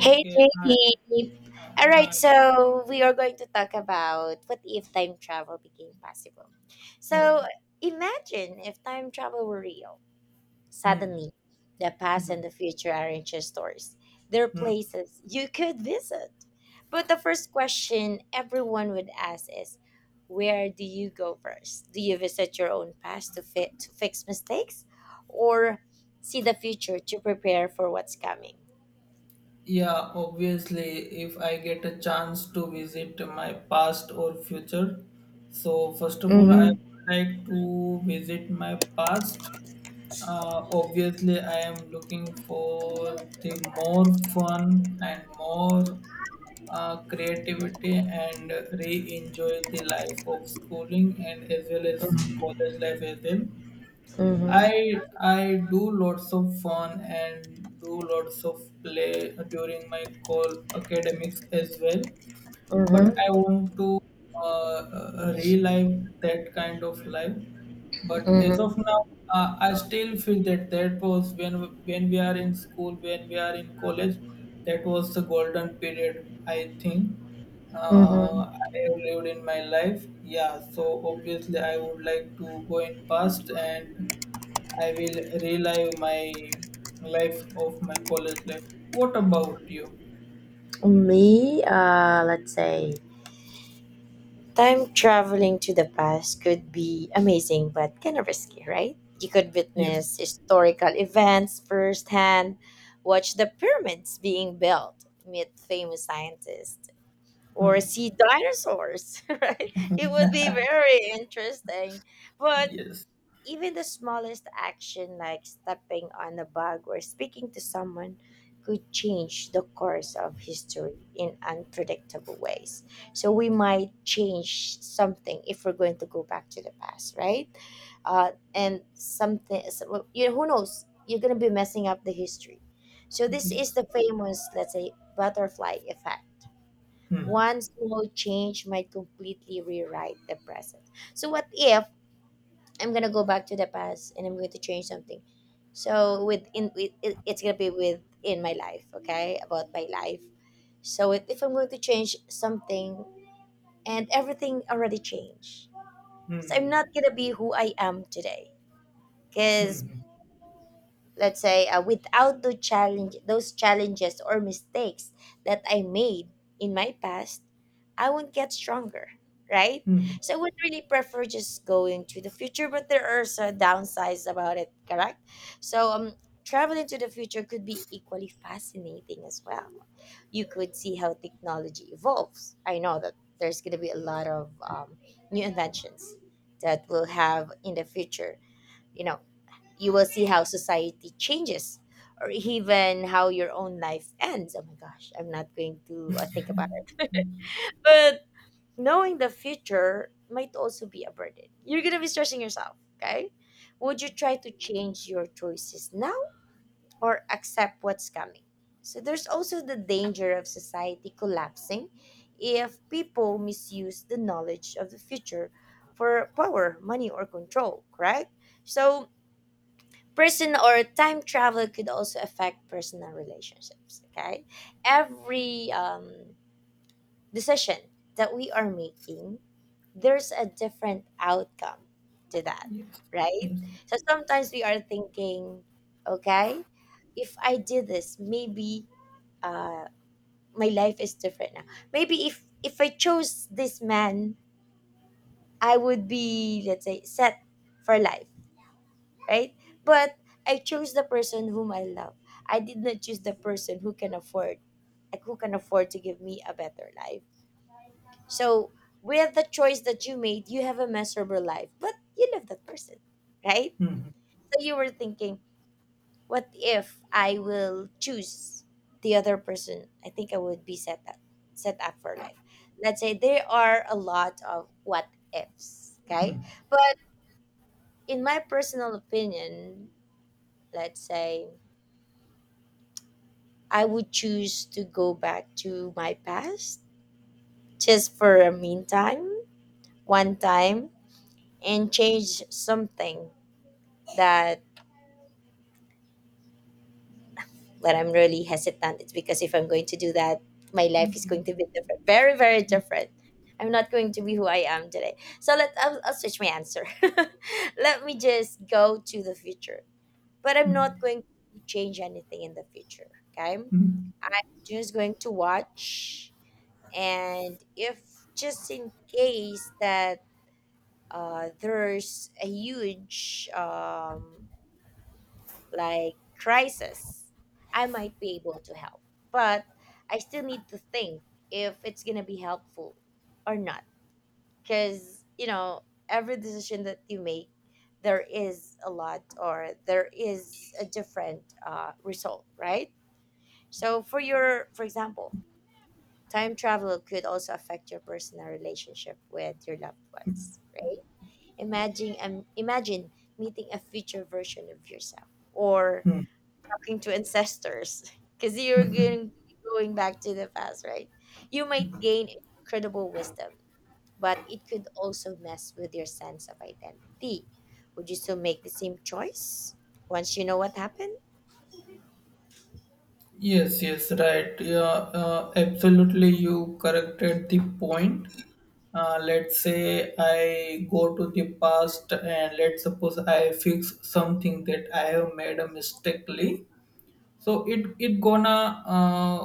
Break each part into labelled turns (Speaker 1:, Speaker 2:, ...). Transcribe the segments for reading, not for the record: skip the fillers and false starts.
Speaker 1: Hey
Speaker 2: hi,
Speaker 1: JD. All
Speaker 2: hi,
Speaker 1: right, so we are going to talk about what if time travel became possible. So
Speaker 2: okay.
Speaker 1: imagine if time travel were real.
Speaker 2: Hmm,
Speaker 1: Suddenly, the past and
Speaker 2: hmm,
Speaker 1: the future aren't just stories. They're
Speaker 2: hmm.
Speaker 1: places you could visit. But the first question everyone would ask is, where do you go first? Do you visit your own past to fit to fix mistakes or see the future to prepare for what's coming?
Speaker 2: Yeah, obviously, if I get a chance to visit my past or future, so first of all,
Speaker 1: Mhm.
Speaker 2: I would like to visit my past. Obviously, I am looking for the more fun and more creativity and re-enjoy the life of schooling and as well as college life as well.
Speaker 1: Mm-hmm.
Speaker 2: I do lots of fun and do lots of play during my call academics as well but I
Speaker 1: Mm-hmm.
Speaker 2: want to relive that kind of life. But as of
Speaker 1: Mm-hmm.
Speaker 2: now, I still feel that that was when we are in school, when we are in college, that was the golden period. I think
Speaker 1: Mm-hmm.
Speaker 2: I have lived in my life. Yeah, so obviously I would like to go in past and I will relive my life of my college life. What about you?
Speaker 1: Me, let's say time traveling to the past could be amazing but kind of risky, right? You could
Speaker 2: Yes,
Speaker 1: witness historical events firsthand, watch the pyramids being built, meet famous scientists, or see dinosaurs, right? It would be very interesting, but
Speaker 2: yes,
Speaker 1: even the smallest action, like stepping on a bug or speaking to someone, could change the course of history in unpredictable ways. So we might change something if we're going to go back to the past, right? And something, so, well, you who knows? You're gonna be messing up the history. So this is
Speaker 2: yes.
Speaker 1: the famous, let's say, butterfly effect.
Speaker 2: Hmm.
Speaker 1: One small change might completely rewrite the present. So what if I'm gonna go back to the past and I'm going to change something. So within with it, it's gonna be within my life, okay, about my life. So if I'm going to change something and everything already changed, so I'm
Speaker 2: Hmm.
Speaker 1: not gonna be who I am today. Cause
Speaker 2: Hmm.
Speaker 1: let's say without the challenge those challenges or mistakes that I made in my past, I won't get stronger, right?
Speaker 2: Hmm.
Speaker 1: So I would really prefer just going to the future, but there are some downsides about it, correct? So traveling to the future could be equally fascinating as well. You could see how technology evolves. I know that there's going to be a lot of new inventions that we'll have in the future, you know. You will see how society changes or even how your own life ends. Oh my gosh, I'm not going to think about it. But knowing the future might also be a burden. You're going to be stressing yourself, okay? Would you try to change your choices now or accept what's coming? So there's also the danger of society collapsing if people misuse the knowledge of the future for power, money, or control, correct? So person or time travel could also affect personal relationships, okay? Every decision that we are making, there's a different outcome to that,
Speaker 2: Yes,
Speaker 1: right?
Speaker 2: yes.
Speaker 1: So sometimes we are thinking, okay, if I did this, maybe uh, my life is different now. Maybe if I chose this man, I would be, let's say, set for life, right? But I chose the person whom I love. I did not choose the person who can afford, like who can afford to give me a better life. So with the choice that you made, you have a miserable life, but you love that person, right?
Speaker 2: Hmm.
Speaker 1: So you were thinking, what if I will choose the other person? I think I would be set up for life. Let's say there are a lot of what ifs, okay?
Speaker 2: Hmm.
Speaker 1: But in my personal opinion, let's say I would choose to go back to my past just for a meantime, one time, and change something that that I'm really hesitant. It's because if I'm going to do that, my life is going to be different, very very different. I'm not going to be who I am today. So let I'll switch my answer. Let me just go to the future, but I'm not going to change anything in the future. Okay, I'm just going to watch, and if just in case that there's a huge like crisis, I might be able to help, but I still need to think if it's gonna be helpful or not, because you know, every decision that you make, there is a lot or there is a different result, right? So for your for example time travel could also affect your personal relationship with your loved ones, right? Imagine meeting a future version of yourself or talking to ancestors because you're going back to the past, right? You might gain incredible wisdom, but it could also mess with your sense of identity. Would you still make the same choice once you know what happened?
Speaker 2: Yes, yes, right. Yeah, absolutely. You corrected the point. Let's say I go to the past and let's suppose I fix something that I have made a mistakely. So it gonna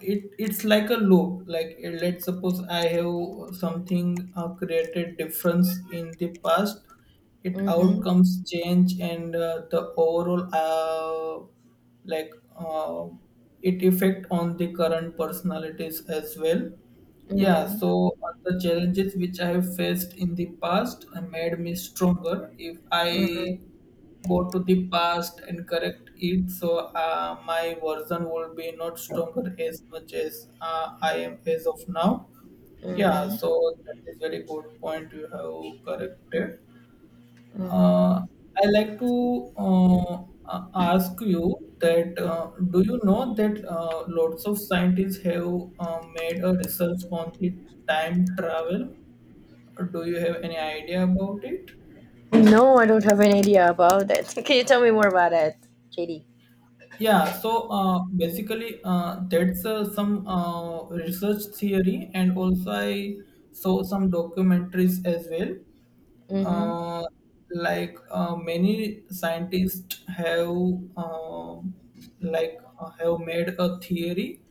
Speaker 2: it's like a loop like let's suppose I have something created difference in the past. It
Speaker 1: Mm-hmm.
Speaker 2: outcomes change and the overall like it effect on the current personalities as well. Yeah,
Speaker 1: Mm-hmm.
Speaker 2: so the challenges which I have faced in the past made me stronger if I go to the past and correct it, so my version would be not stronger as much as I am as of now. Yeah,
Speaker 1: Mm-hmm.
Speaker 2: so that is very good point you have corrected.
Speaker 1: Mm-hmm.
Speaker 2: Uh, I like to ask you that do you know that lots of scientists have made a research on the time travel? Do you have any idea about it?
Speaker 1: No, I don't have an idea about that. Can you tell me more about it, JD?
Speaker 2: Yeah, so basically, that's some research theory, and also I saw some documentaries as well.
Speaker 1: Mm-hmm.
Speaker 2: Uh, like many scientists have um, like have made a theory,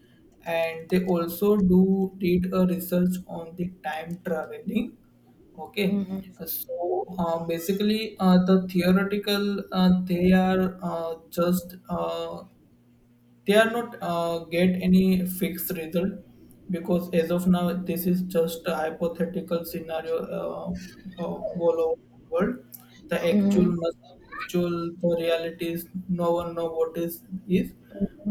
Speaker 2: and they also do did a research on the time traveling. Okay,
Speaker 1: Mm-hmm.
Speaker 2: so basically, the theoretical they are just they are not get any fixed result because as of now this is just a hypothetical scenario of all over the world. The
Speaker 1: Mm-hmm.
Speaker 2: actual the reality is no one know what is,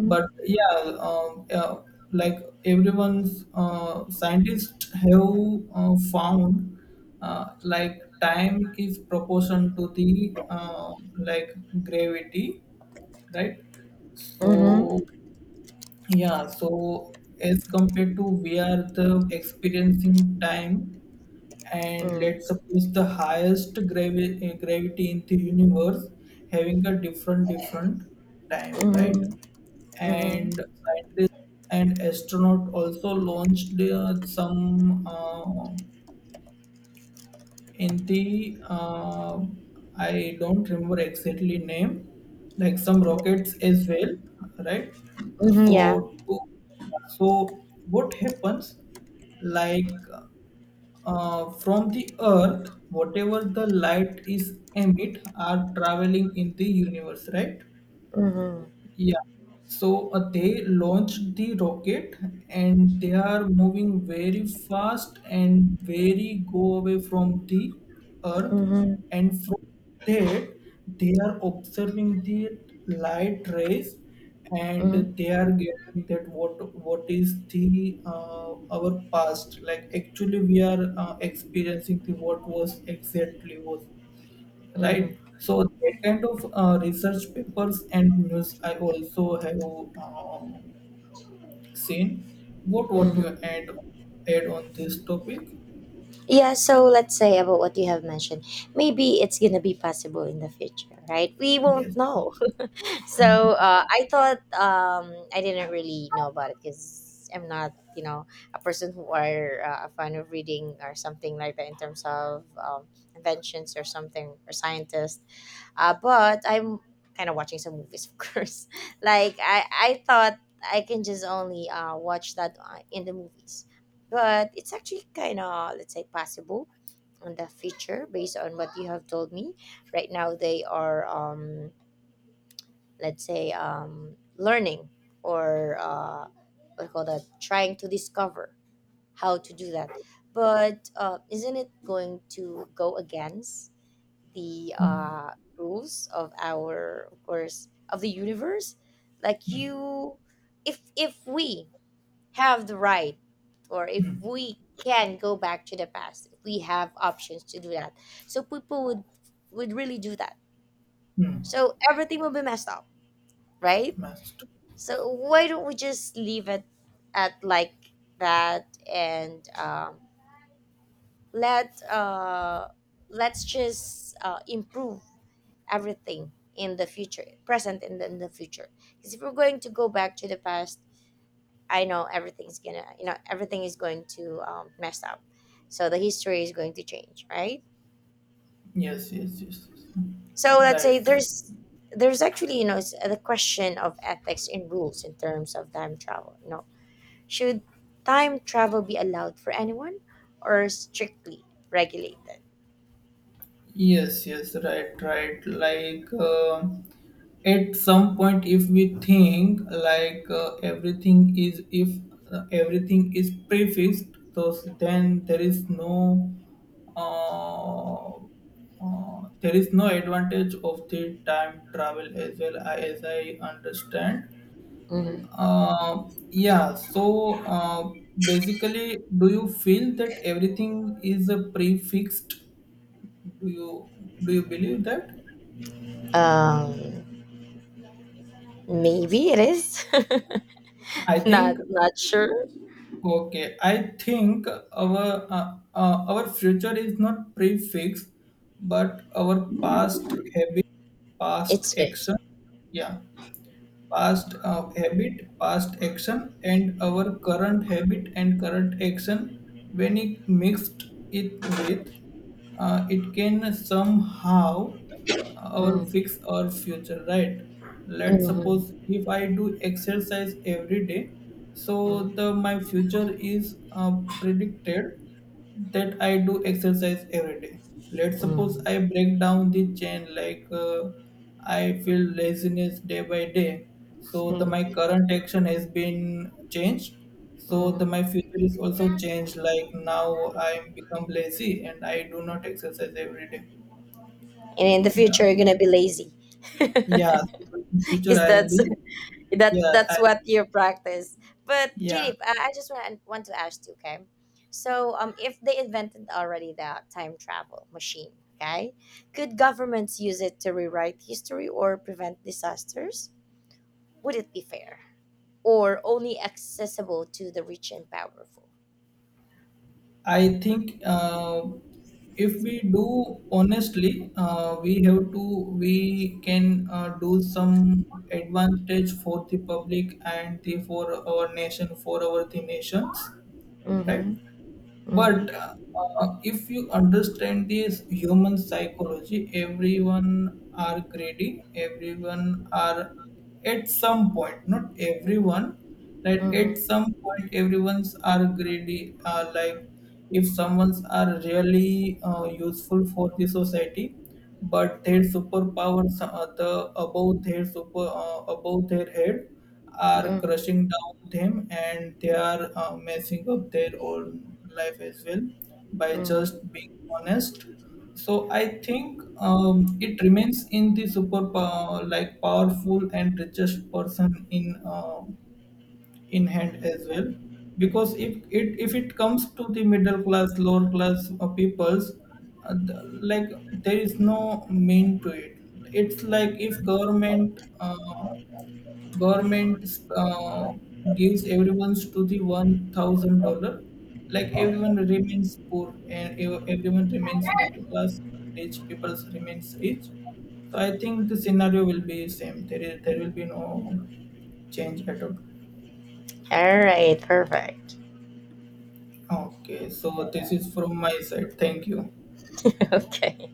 Speaker 2: but yeah, um, uh, like everyone's scientists have found like time is proportion to the like gravity, right?
Speaker 1: Mm-hmm.
Speaker 2: So yeah, so as compared to we are the experiencing time, and
Speaker 1: Mm-hmm.
Speaker 2: let's suppose the highest gravity in the universe having a different time, right? And
Speaker 1: Mm-hmm.
Speaker 2: scientists and astronaut also launched some. Hindi, I don't remember exactly name, like some rockets as well, right?
Speaker 1: Mm-hmm. Yeah.
Speaker 2: So, so what happens? Like from the Earth, whatever the light is emit are traveling in the universe, right?
Speaker 1: Mm-hmm.
Speaker 2: Yeah. So they launched the rocket and they are moving very fast and very go away from the earth.
Speaker 1: Mm-hmm.
Speaker 2: And from that, they are observing the light rays and they are getting that what is the our past, like actually we are experiencing the what was exactly was, right?
Speaker 1: Mm-hmm.
Speaker 2: So that kind of research papers and news I also have um, seen. What you
Speaker 1: Mm-hmm.
Speaker 2: add on this topic?
Speaker 1: Yeah, so let's say about what you have mentioned. Maybe it's gonna be possible in the future, right? We won't
Speaker 2: Yes.
Speaker 1: know. So I thought I didn't really know about it, because I'm not, you know, a person who are a fan of reading or something like that in terms of inventions or something or scientists. But I'm kind of watching some movies, of course. Like I thought I can just only watch that in the movies, but it's actually kind of, let's say, possible in the future based on what you have told me. Right now they are. Let's say learning or what do you call that, trying to discover how to do that. But isn't it going to go against the rules of our, of course, of the universe? Like you, if we have the right, or if we can go back to the past, if we have options to do that, so people would really do that,
Speaker 2: Hmm.
Speaker 1: so everything will be messed up, right?
Speaker 2: Master.
Speaker 1: So why don't we just leave it at like that, and let let's just improve everything in the future, present and in the future. Because if we're going to go back to the past, I know everything's gonna, you know, everything is going to mess up. So the history is going to change, right?
Speaker 2: Yes. Yes. Yes. Yes.
Speaker 1: So
Speaker 2: Hmm.
Speaker 1: let's
Speaker 2: Right.
Speaker 1: say
Speaker 2: Right.
Speaker 1: there's actually, you know, the question of ethics and rules in terms of time travel. You know, should time travel be allowed for anyone or strictly regulated?
Speaker 2: Yes, yes, right, right. Like at some point, if we think like everything is if everything is prefixed, so then uh, there is no advantage of the time travel as well, I- as I understand.
Speaker 1: Mhm.
Speaker 2: Uh, yeah. So basically, do you feel that everything is a prefixed? Do you do you believe that
Speaker 1: Um, Maybe it is.
Speaker 2: I
Speaker 1: not
Speaker 2: think
Speaker 1: not sure.
Speaker 2: okay, I think our our future is not prefixed but our past habit, past
Speaker 1: It's fixed.
Speaker 2: action, yeah, past habit, past action, and our current habit and current action, when it mixed it with, it can somehow our
Speaker 1: Mm,
Speaker 2: fix our future, right? Let's
Speaker 1: mhm,
Speaker 2: suppose if I do exercise every day, so
Speaker 1: mm,
Speaker 2: the my future is predicted that I do exercise every day. Let's suppose
Speaker 1: mm,
Speaker 2: I break down the chain like I feel laziness day by day.
Speaker 1: mm,
Speaker 2: So the my
Speaker 1: mm.
Speaker 2: current action has been changed. So the my
Speaker 1: Mm.
Speaker 2: future is also changed. Like now I become lazy and I do not exercise every day.
Speaker 1: And in the
Speaker 2: Yeah,
Speaker 1: future, you're gonna be lazy.
Speaker 2: yeah.
Speaker 1: Because
Speaker 2: So in future I'll
Speaker 1: that's
Speaker 2: be
Speaker 1: that
Speaker 2: yeah I,
Speaker 1: that's what you practice. But
Speaker 2: yeah,
Speaker 1: JD, I just want to ask you, okay? So, if they invented already the time travel machine, okay, could governments use it to rewrite history or prevent disasters? Would it be fair or only accessible to the rich and powerful?
Speaker 2: I think if we do honestly, we have to we can do some advantage for the public and the for our the nations, right?
Speaker 1: Mm-hmm.
Speaker 2: But
Speaker 1: Mm-hmm.
Speaker 2: if you understand this human psychology, everyone are greedy, everyone are at some point, not everyone, that at
Speaker 1: Mm-hmm.
Speaker 2: some point everyone's are greedy. Like if someone's are really useful for the society, but their superpowers are the above their super above their head are crushing down them and they are messing up their own life as well by just
Speaker 1: Mm-hmm.
Speaker 2: being honest. So I think it remains in the like powerful and richest person in hand as well, because if it comes to the middle class, lower class peoples uh, the- like there is no mean to it. It's like if government uh, gives everyone's to the $1,000, like everyone remains poor and everyone remains middle class, rich people remains rich. So I think the scenario will be same, there will be no change at all.
Speaker 1: All right. Perfect.
Speaker 2: Okay, so this is from my side. Thank you.
Speaker 1: Okay.